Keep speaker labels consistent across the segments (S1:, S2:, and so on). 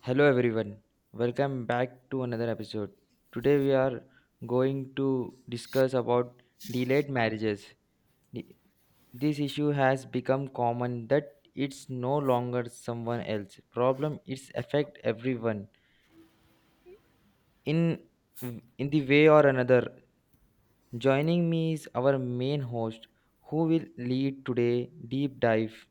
S1: Hello everyone, welcome back to another episode. Today we are going to discuss about delayed marriages. The- This issue has become common that it's no longer someone else problem, it's affect everyone in in the way or another. Joining me is our main host who will lead today deep dive.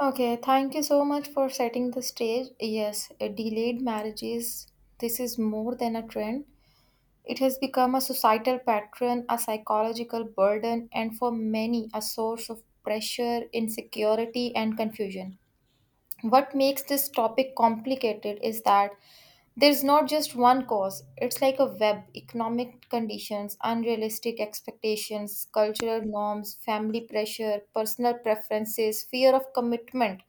S2: Okay, thank you so much for setting the stage. Yes, delayed marriages, this is more than a trend. It has become a societal pattern, a psychological burden, and for many, a source of pressure, insecurity, and confusion. What makes this topic complicated is that there's not just one cause, it's like a web: economic conditions, unrealistic expectations, cultural norms, family pressure, personal preferences, fear of commitment,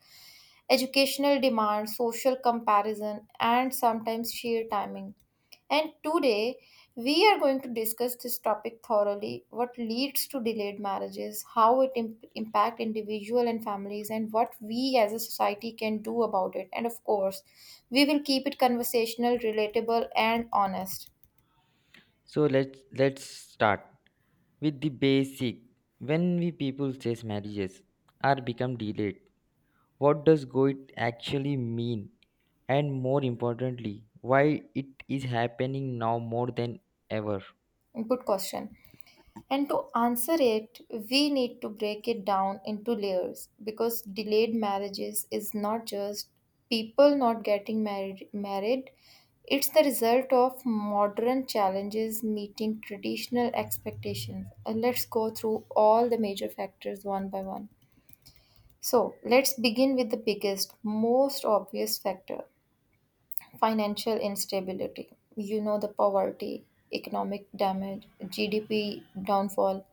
S2: educational demand, social comparison, and sometimes sheer timing. And today, we are going to discuss this topic thoroughly: what leads to delayed marriages, how it impact individual and families, and what we as a society can do about it. And of course, we will keep it conversational, relatable, and honest.
S1: So let's start with the basic when we people says marriages are become delayed, what does go it actually mean, and more importantly, why it is happening now more than ever?
S2: Good question. And to answer it, we need to break it down into layers because delayed marriages is not just people not getting married. It's the result of modern challenges meeting traditional expectations. And let's go through all the major factors one by one. So, let's begin with the biggest, most obvious factor: financial instability, the poverty, economic damage, GDP downfall.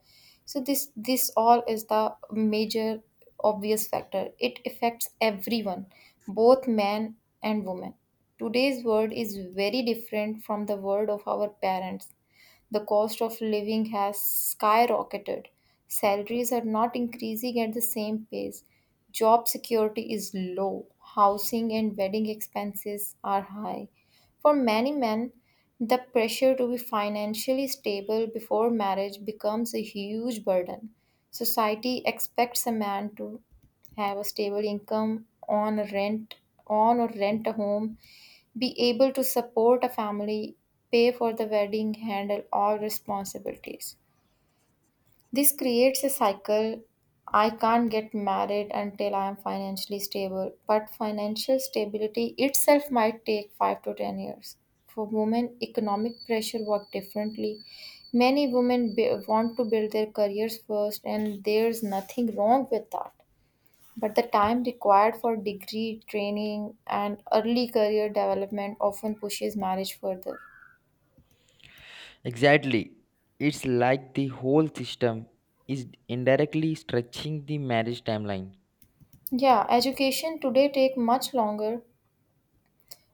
S2: So this all is the major obvious factor. It affects everyone, both man and woman. Today's world is very different from the world of our parents. The cost of living has skyrocketed. Salaries are not increasing at the same pace. Job security is low. Housing and wedding expenses are high. For many men, the pressure to be financially stable before marriage becomes a huge burden. Society expects a man to have a stable income, on a rent, on or rent a home, be able to support a family, pay for the wedding, handle all responsibilities. This creates a cycle. I can't get married until I am financially stable, but financial stability itself might take 5 to 10 years. For women, economic pressure works differently. Many women want to build their careers first, and there's nothing wrong with that. But the time required for degree training and early career development often pushes marriage further.
S1: Exactly, it's like the whole system is indirectly stretching the marriage timeline.
S2: Yeah, education today take much longer.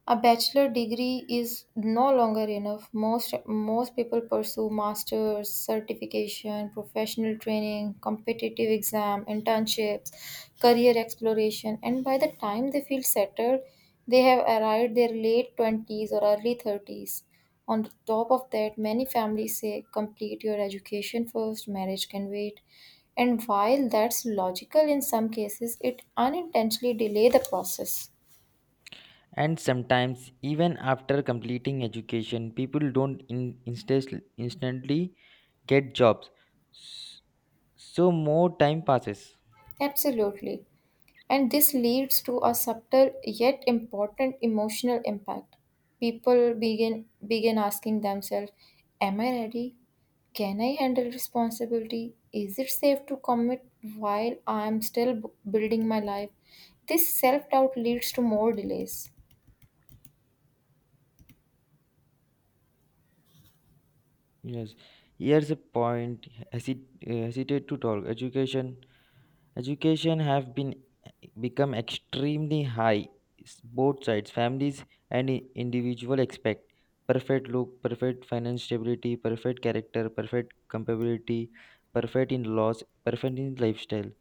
S2: A bachelor degree is no longer enough. Most people pursue masters, certification, professional training, competitive exam, internships, career exploration, and by the time they feel settled, they have arrived their late 20s or early 30s. On top of that, many families say complete your education first, marriage can wait. And while that's logical in some cases, it unintentionally delay the process.
S1: And sometimes even after completing education, people don't in, instas- instantly get jobs. S- so more time passes.
S2: Absolutely. And this leads to a subtle yet important emotional impact. People begin asking themselves, am I ready? Can I handle responsibility? Is it safe to commit while I am still building my life? This self doubt leads to more delays.
S1: Yes, here's a point. Hesitate to talk. Education have been become extremely high. Both sides, families and individual, expect perfect look, perfect finance stability, perfect character, perfect compatibility, perfect in laws, perfect in lifestyle.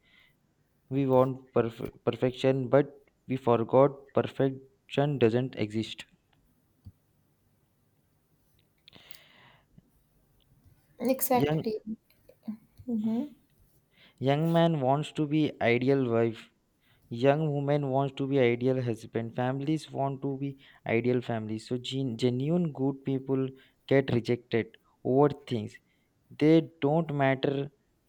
S1: We want perfection, but we forgot perfection doesn't exist. Young
S2: Exactly. Mm-hmm.
S1: young man wants to be ideal wife, young women wants to be ideal husband, families want to be ideal families, so genuine good people get rejected over things they don't matter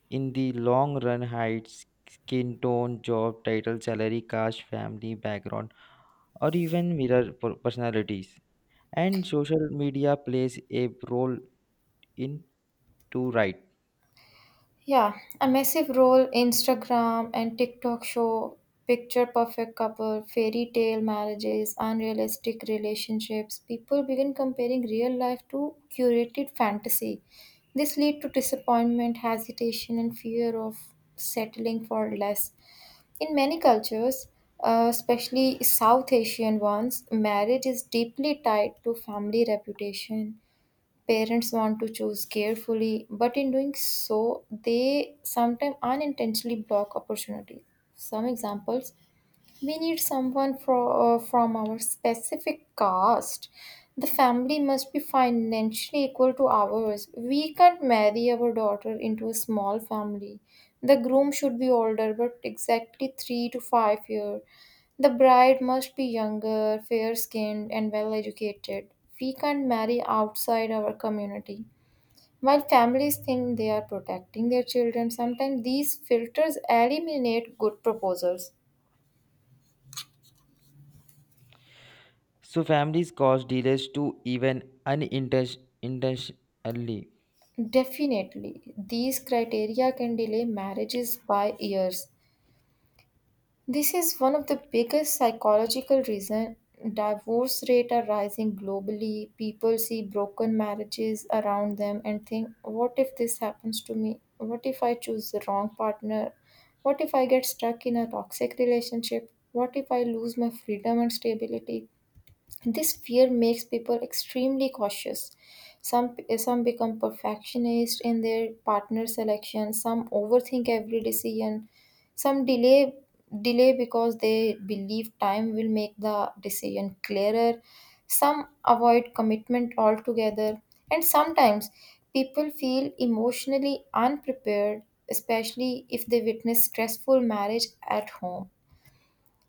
S1: in the long run: height, skin tone, job title, salary, caste, family background, or even mirror personalities. And social media plays a role in to, right?
S2: Yeah, a massive role. Instagram and TikTok show picture perfect couple, fairy tale marriages, unrealistic relationships. People begin comparing real life to curated fantasy. This lead to disappointment, hesitation and fear of settling for less. In many cultures, especially South Asian ones, marriage is deeply tied to family reputation. Parents want to choose carefully, but in doing so, they sometimes unintentionally block opportunities. Some examples: we need someone from our specific caste. The family must be financially equal to ours. We can't marry our daughter into a small family. The groom should be older, but exactly 3 to 5 years. The bride must be younger, fair skinned, and well educated. We can't marry outside our community. While families think they are protecting their children, sometimes these filters eliminate good proposals.
S1: So families cause delays to even unintentionally.
S2: Definitely, these criteria can delay marriages by years. This is one of the biggest psychological reasons divorce rates are rising globally. People see broken marriages around them and think, what if this happens to me? What if I choose the wrong partner? What if I get stuck in a toxic relationship? What if I lose my freedom and stability? This fear makes people extremely cautious. Some some become perfectionist in their partner selection, some overthink every decision, some delay because they believe time will make the decision clearer, some avoid commitment altogether, and sometimes people feel emotionally unprepared, especially if they witness stressful marriage at home.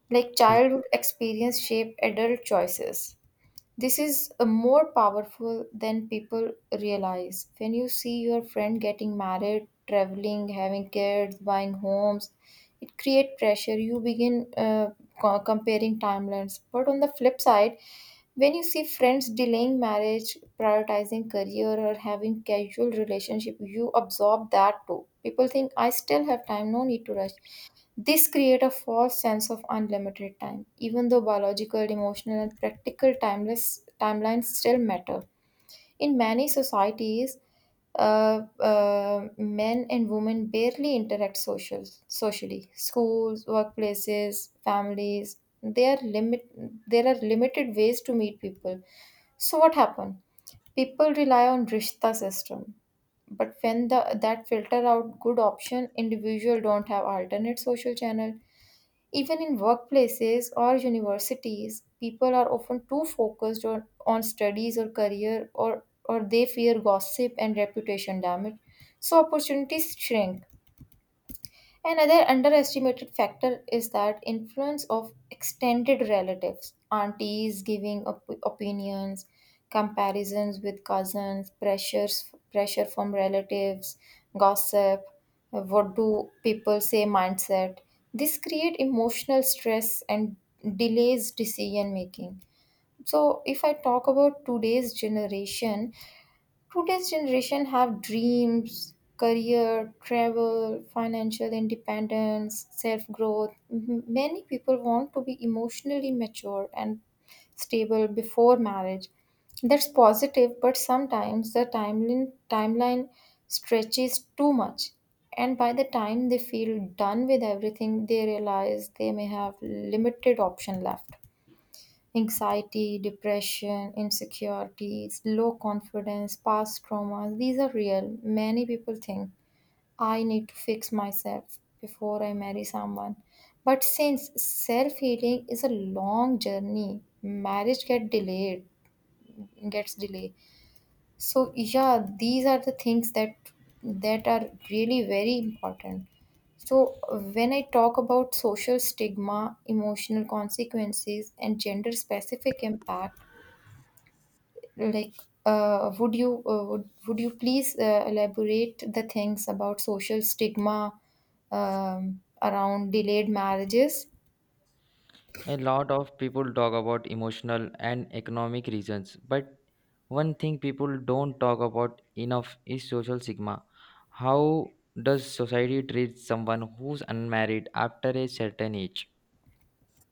S2: Like childhood experience shape adult choices. This is more powerful than people realize. When you see your friend getting married, traveling, having kids, buying homes, it creates pressure. You begin comparing timelines. But on the flip side, when you see friends delaying marriage, prioritizing career, or having casual relationship, you absorb that too. People think I still have time, no need to rush. This creates a false sense of unlimited time, even though biological, emotional, and practical timeless timelines still matter. In many societies, men and women barely interact socially. Schools, workplaces, families, they are limit, there are limited ways to meet people. So what happened? People rely on rishta system, but when that filter out good option, individual don't have alternate social channel even in workplaces or universities, people are often too focused on studies or career or they fear gossip and reputation damage. So opportunities shrink. Another underestimated factor is that influence of extended relatives, aunties giving opinions, comparisons with cousins, pressure from relatives, gossip, what do people say mindset. This create emotional stress and delays decision making. So if I talk about today's generation, today's generation have dreams, career, travel, financial independence, self growth. Many people want to be emotionally mature and stable before marriage. That's positive, but sometimes the timeline stretches too much. And by the time they feel done with everything, they realize they may have limited option left. Anxiety, depression, insecurities, low confidence, past traumas, these are real. Many people think I need to fix myself before I marry someone. But since self healing is a long journey, marriage gets delayed. So yeah, these are the things that are really very important. So, when I talk about social stigma, emotional consequences, and gender specific impact, like, would you would you please elaborate the things about social stigma around delayed marriages?
S1: A lot of people talk about emotional and economic reasons, but one thing people don't talk about enough is social stigma. How does society treat someone who's unmarried after a certain age?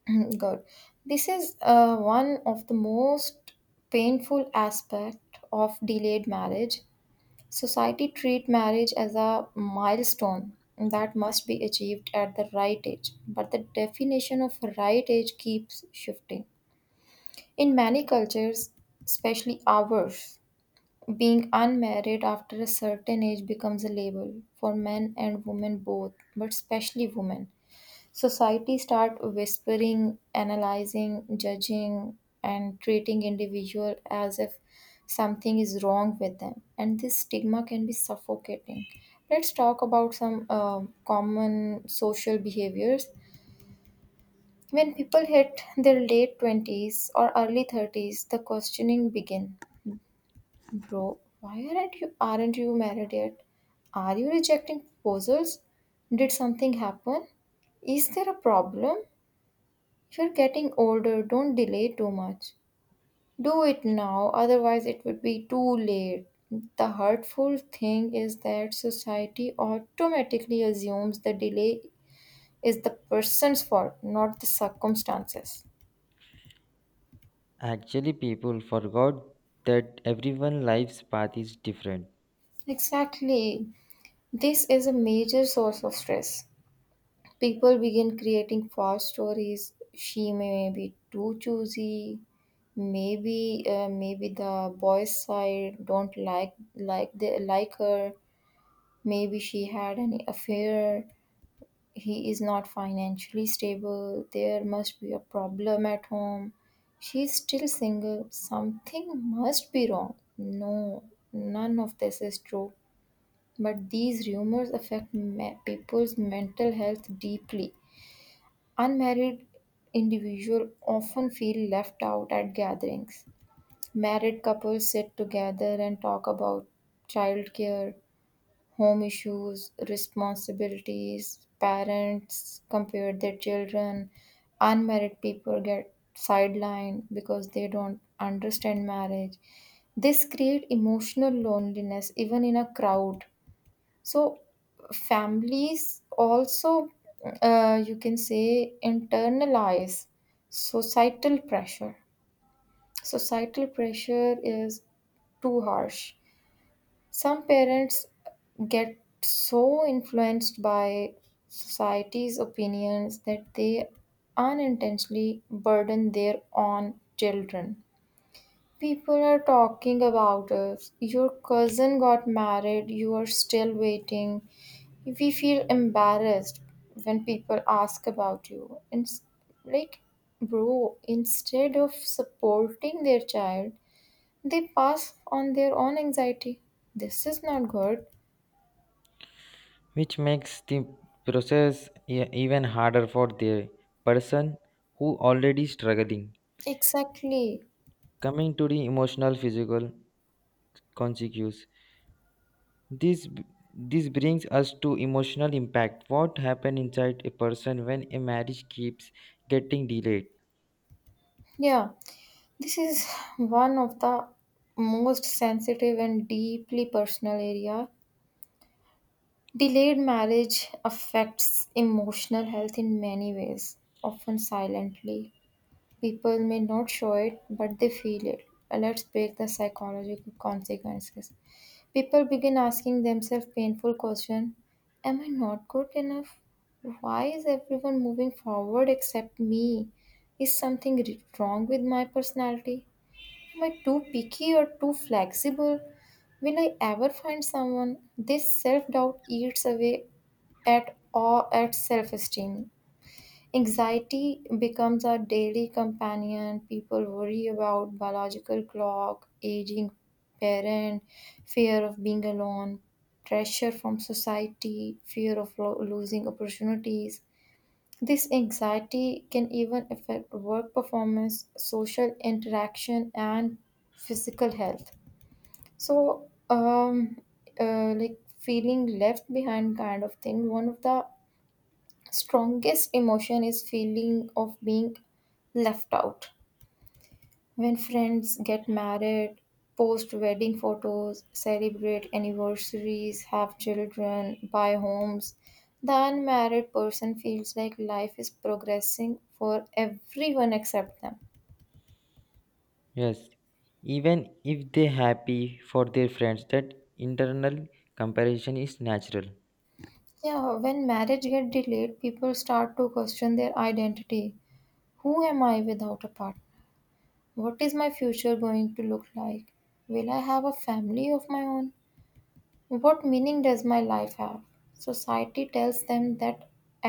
S2: God, this is one of the most painful aspect of delayed marriage. Society treat marriage as a milestone that must be achieved at the right age, but the definition of right age keeps shifting. In many cultures, especially ours, being unmarried after a certain age becomes a label for men and women both, but especially women. Society start whispering, analyzing, judging, and treating individual as if something is wrong with them, and this stigma can be suffocating. Let's talk about some common social behaviors. When people hit their late 20s or early 30s, the questioning begin. Bro, why aren't you married yet? Are you rejecting proposals? Did something happen? Is there a problem? You're getting older, don't delay too much. Do it now, otherwise it would be too late. The hurtful thing is that society automatically assumes the delay is the person's fault, not the circumstances.
S1: Actually, people forgot that everyone's life's path is different,
S2: Exactly. This is a major source of stress. People begin creating false stories. She may be too choosy. Maybe the boy's side don't like they like her. Maybe she had an affair. He is not financially stable. There must be a problem at home. She's still single. Something must be wrong. No, none of this is true. But these rumors affect people's mental health deeply. Unmarried individuals often feel left out at gatherings. Married couples sit together and talk about childcare, home issues, responsibilities, parents compare their children. Unmarried people get sidelined because they don't understand marriage. This creates emotional loneliness even in a crowd. So, families also, you can say, internalize societal pressure. Societal pressure is too harsh. Some parents get so influenced by society's opinions that they unintentionally burden their own children. People are talking about us. Your cousin got married, you are still waiting. We feel embarrassed when people ask about you. And like, bro, instead of supporting their child, they pass on their own anxiety. This is not good.
S1: which makes the process even harder for the person who already struggling.
S2: Exactly.
S1: Coming to the emotional physical consequences, This this brings us to emotional impact. What happens inside a person when a marriage keeps getting delayed?
S2: Yeah, this is one of the most sensitive and deeply personal area. Delayed marriage affects emotional health in many ways, often silently. People may not show it, but they feel it. Let's break the psychological consequences. People begin asking themselves painful questions: am I not good enough? Why is everyone moving forward except me? Is something wrong with my personality? Am I too picky or too flexible? Will I ever find someone? This self doubt eats away at awe at self esteem. Anxiety becomes our daily companion. People worry about biological clock, aging parent, fear of being alone, pressure from society, fear of losing opportunities. This anxiety can even affect work performance, social interaction, and physical health. So, um, like feeling left behind kind of thing, one of the strongest emotion is feeling of being left out when friends get married, post wedding photos, celebrate anniversaries, have children, buy homes. The unmarried person feels like life is progressing for everyone except them.
S1: Yes, even if they happy for their friends, that internal comparison is natural,
S2: Yeah, when marriage get delayed, people start to question their identity. Who am I without a partner? What is my future going to look like? Will I have a family of my own? What meaning does my life have? Society tells them that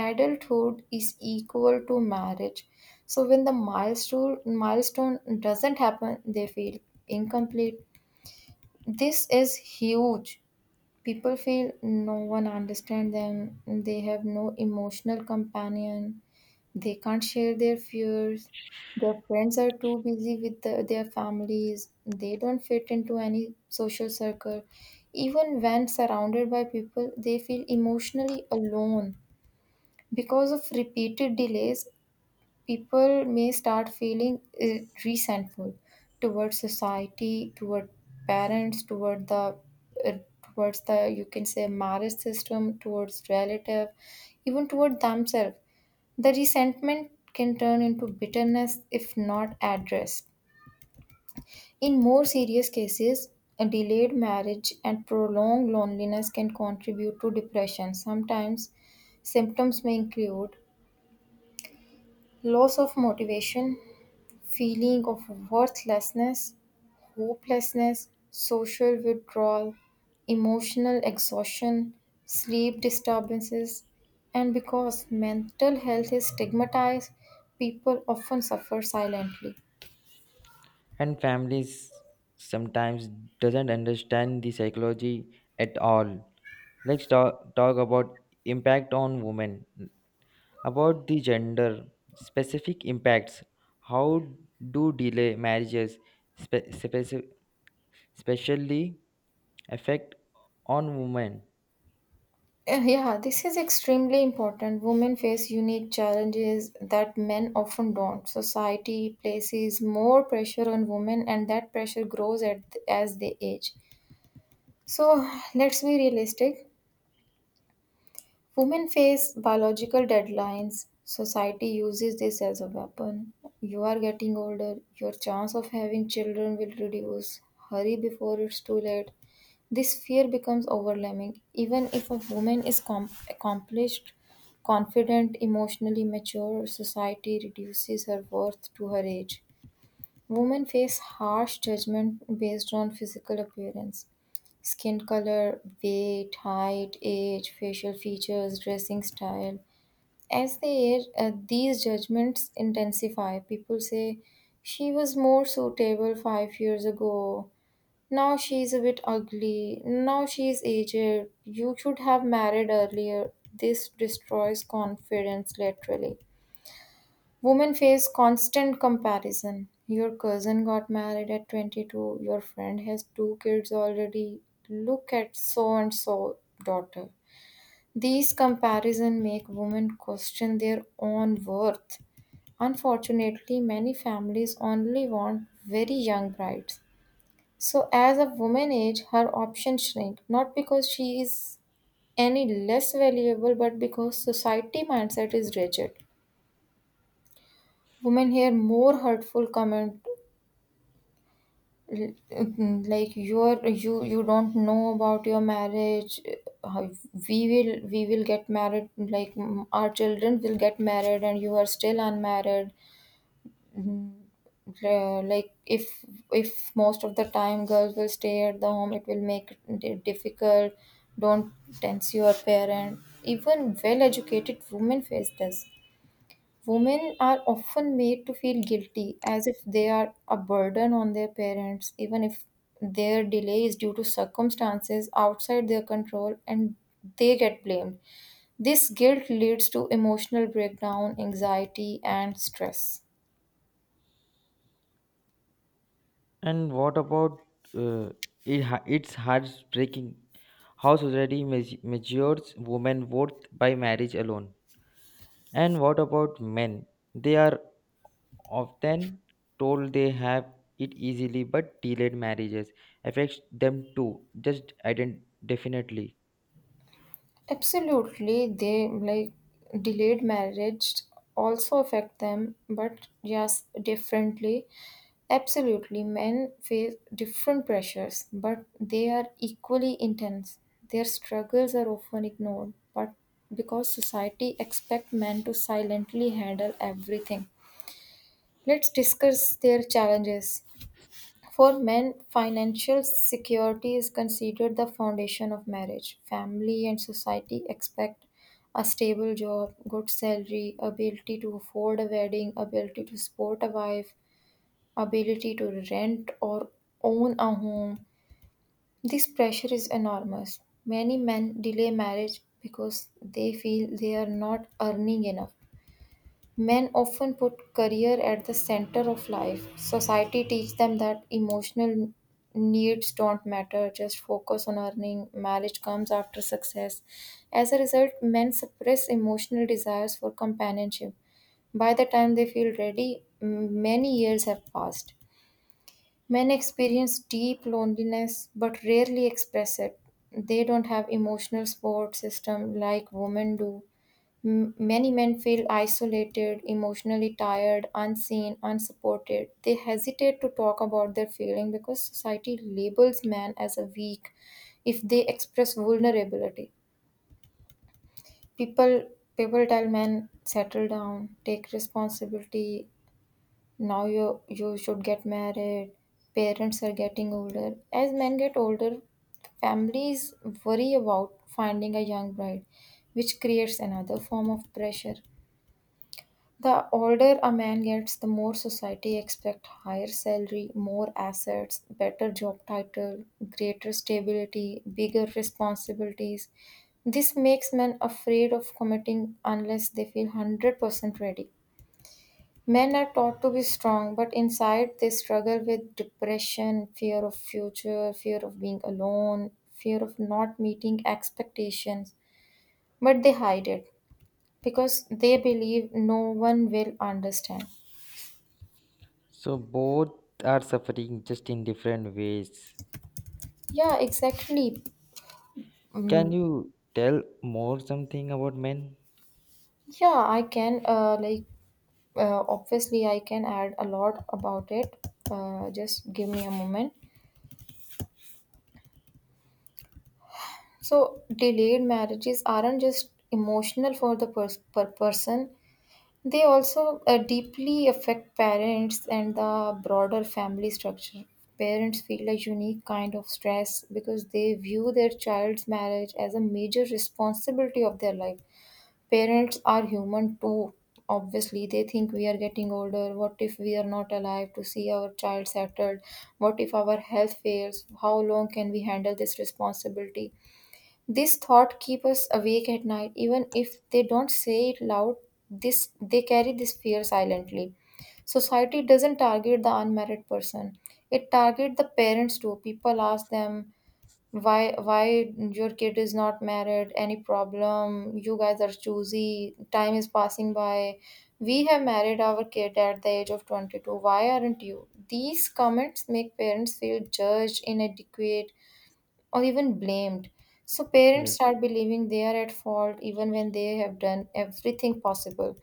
S2: adulthood is equal to marriage. So when the milestone doesn't happen, they feel incomplete. This is huge. People feel no one understands them. They have no emotional companion. They can't share their fears. Their friends are too busy with their families. They don't fit into any social circle. Even when surrounded by people, they feel emotionally alone. Because of repeated delays, people may start feeling resentful towards society, toward parents, toward uh, the you can say marriage system, towards relative, even toward themselves. The resentment can turn into bitterness if not addressed. In more serious cases, a delayed marriage and prolonged loneliness can contribute to depression. Sometimes symptoms may include loss of motivation, feeling of worthlessness, hopelessness, social withdrawal, emotional exhaustion, sleep disturbances, and because mental health is stigmatized, people often suffer silently.
S1: and families sometimes doesn't understand the psychology at all. Let's talk about impact on women. About the gender specific impacts, how do delay marriages, spe- speci- specially affect on women?
S2: Yeah, this is extremely important. Women face unique challenges that men often don't. Society places more pressure on women, and that pressure grows as they age. So let's be realistic. Women face biological deadlines. Society uses this as a weapon. You are getting older, your chance of having children will reduce. Hurry before it's too late. This fear becomes overwhelming. Even if a woman is accomplished, confident, emotionally mature, society reduces her worth to her age. Women face harsh judgment based on physical appearance: skin color, weight, height, age, facial features, dressing style. As they age, these judgments intensify. People say, she was more suitable 5 years ago. Now she's a bit ugly. Now she's aged. You should have married earlier. This destroys confidence literally. Women face constant comparison. Your cousin got married at 22, your friend has two kids already. Look at so and so daughter. These comparison make women question their own worth. Unfortunately, many families only want very young brides. So as a woman age, her options shrink, not because she is any less valuable but because society mindset is rigid. Women hear more hurtful comment. Like you're you don't know about your marriage, we will get married, our children will get married and you are still unmarried. Like if if most of the time girls will stay at the home, it will make it difficult, don't tense your parent. Even well educated women face this. Women are often made to feel guilty as if they are a burden on their parents, even if their delay is due to circumstances outside their control, and they get blamed. This guilt leads to emotional breakdown, anxiety, and stress.
S1: And what about uh, it it's heartbreaking how society measures women worth by marriage alone. And what about men? They are often told they have it easily, but delayed marriages affects them too, just definitely.
S2: Absolutely, they like delayed marriage also affect them, but just differently. Absolutely, men face different pressures, but they are equally intense. Their struggles are often ignored, but because society expect men to silently handle everything. Let's discuss their challenges. For men, financial security is considered the foundation of marriage. Family and society expect a stable job, good salary, ability to afford a wedding, ability to support a wife, ability to rent or own a home. This pressure is enormous. Many men delay marriage because they feel they are not earning enough. Men often put career at the center of life. Society teaches them that emotional needs don't matter, just focus on earning. Marriage comes after success. As a result, men suppress emotional desires for companionship. By the time they feel ready, many years have passed. Men experience deep loneliness but rarely express it. They don't have emotional support system like women do. Many men feel isolated, emotionally tired, unseen, unsupported. They hesitate to talk about their feeling because society labels men as a weak if they express vulnerability. People People tell men settle down, take responsibility, now you should get married. Parents are getting older. As men get older, families worry about finding a young bride, which creates another form of pressure. The older a man gets, the more society expects higher salary, more assets, better job title, greater stability, bigger responsibilities. This makes men afraid of committing unless they feel 100% ready. Men are taught to be strong, but inside they struggle with depression, fear of future, fear of being alone, fear of not meeting expectations, but they hide it because they believe no one will understand.
S1: So both are suffering just in different ways.
S2: Yeah, exactly.
S1: Can you tell more something about men?
S2: Yeah, I can, obviously I can add a lot about it. Just give me a moment. So delayed marriages aren't just emotional for the per person. They also deeply affect parents and the broader family structure. Parents feel a unique kind of stress because they view their child's marriage as a major responsibility of their life. Parents are human too. Obviously, they think we are getting older. What if we are not alive to see our child settled? What if our health fails? How long can we handle this responsibility? This thought keep us awake at night, even if they don't say it loud. This They carry this fear silently. Society doesn't target the unmarried person; it targets the parents too. People ask them, why your kid is not married, any problem, you guys are choosy, time is passing by, we have married our kid at the age of 22, why aren't you? These comments make parents feel judged, inadequate, or even blamed. So parents
S1: Yes.
S2: start believing they are at fault even when they have done everything possible.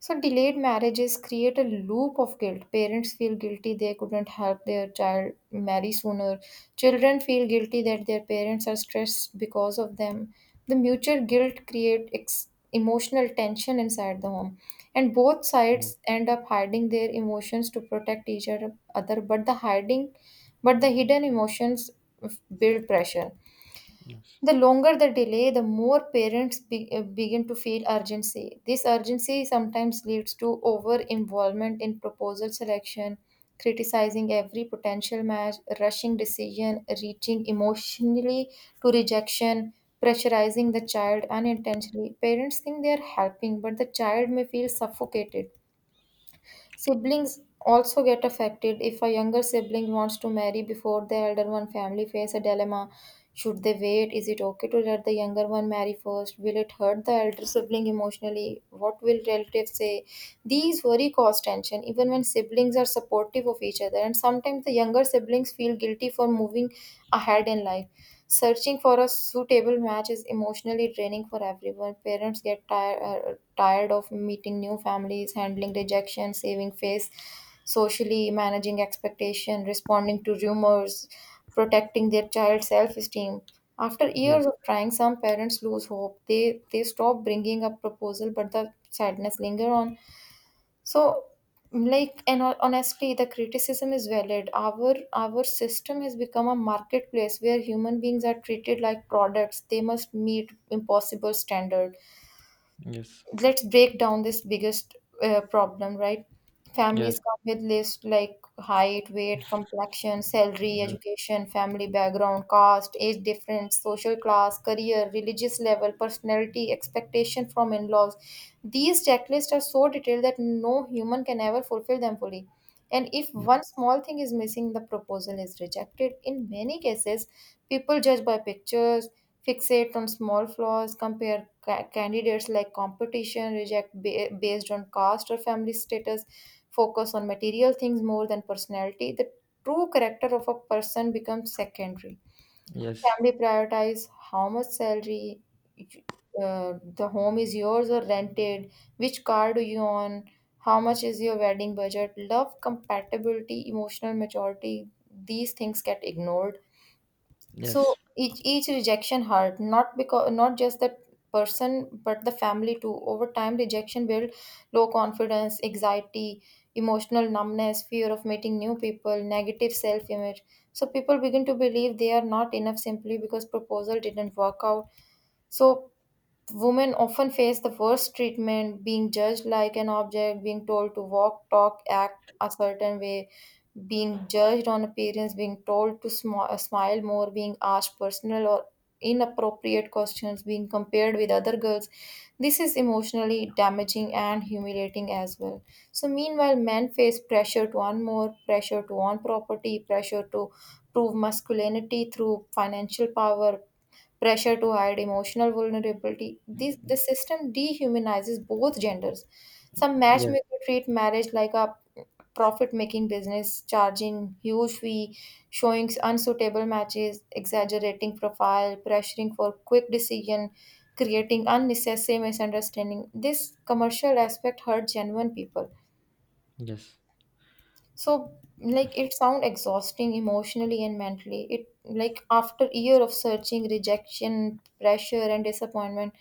S2: So, delayed marriages create a loop of guilt. Parents feel guilty they couldn't help their child marry sooner. Children feel guilty that their parents are stressed because of them. The mutual guilt create emotional tension inside the home, and both
S1: Mm.
S2: sides end up hiding their emotions to protect each other. But the hidden emotions build pressure.
S1: Yes.
S2: The longer the delay, the more parents begin to feel urgency. This urgency sometimes leads to over involvement in proposal selection, criticizing every potential match, rushing decision, reaching emotionally to rejection, pressurizing the child unintentionally. Parents think they are helping, but the child may feel suffocated. Siblings also get affected if a younger sibling wants to marry before the elder one. Family face a dilemma. Should they wait? Is it okay to let the younger one marry first? Will it hurt the elder sibling emotionally? What will relatives say? These worry cause tension even when siblings are supportive of each other, and sometimes the younger siblings feel guilty for moving ahead in life. Searching for a suitable match is emotionally draining for everyone. Parents get tired, tired of meeting new families, handling rejection, saving face socially, managing expectation, responding to rumors, protecting their child's self-esteem. After
S1: Yes.
S2: years of trying, some parents lose hope. They stop bringing up proposal, but the sadness linger on. So, like, and honestly, the criticism is valid. Our system has become a marketplace where human beings are treated like products. They must meet impossible standards.
S1: Yes.
S2: Let's break down this biggest problem, right?
S1: Yes.
S2: Families come with lists like height, weight, complexion, salary, education, family background, caste, age difference, social class, career, religious level, personality, expectation from in-laws. These checklists are so detailed that no human can ever fulfill them fully, and if
S1: Yes.
S2: one small thing is missing, the proposal is rejected in many cases. People judge by pictures, fixate on small flaws, compare candidates like competition, reject based on caste or family status, focus on material things more than personality. The true character of a person becomes secondary.
S1: Yes.
S2: Family prioritize how much salary, uh, the home is yours or rented, which car do you own, how much is your wedding budget, love compatibility, emotional maturity. These things get ignored.
S1: Yes.
S2: So each rejection hurt, not because, not just the person but the family too. Over time, rejection build low confidence, anxiety, emotional numbness, fear of meeting new people, negative self image. So people begin to believe they are not enough simply because proposal didn't work out. So women often face the worst treatment, being judged like an object, being told to walk, talk, act a certain way, being judged on appearance, being told to smile more, being asked personal or inappropriate questions, being compared with other girls. This is emotionally damaging and humiliating as well. So, meanwhile, men face pressure to earn more, pressure to own property, pressure to prove masculinity through financial power, pressure to hide emotional vulnerability. The system dehumanizes both genders. Some
S1: Yes.
S2: matchmakers treat marriage like a profit-making business, charging huge fee, showing unsuitable matches, exaggerating profile, pressuring for quick decision, creating unnecessary misunderstanding. This commercial aspect hurt genuine people.
S1: Yes.
S2: So, like, it sound exhausting emotionally and mentally. It, like, after year of searching, rejection, pressure, and disappointment,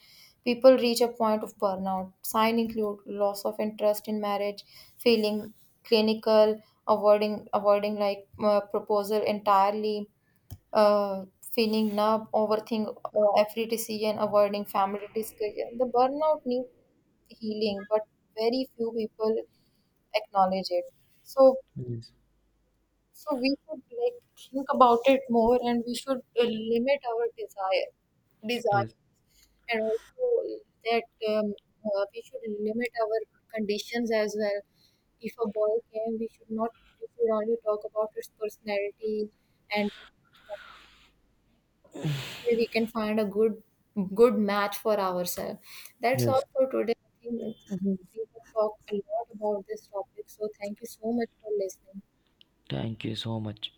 S2: people reach a point of burnout. Sign include loss of interest in marriage, feeling clinical, avoiding proposal entirely, uh, feeling numb, overthink every decision, avoiding family discussion. The burnout needs healing, but very few people acknowledge it. So
S1: Yes.
S2: we should, like, think about it more, and we should limit our desire,
S1: Yes.
S2: and also that we should limit our conditions as well. If a boy came, we should not. We should only talk about its personality, and this way we can find a good match for ourselves. That's all
S1: Yes.
S2: for today. I think we have talked a lot about this topic. So thank you so much for listening.
S1: Thank you so much.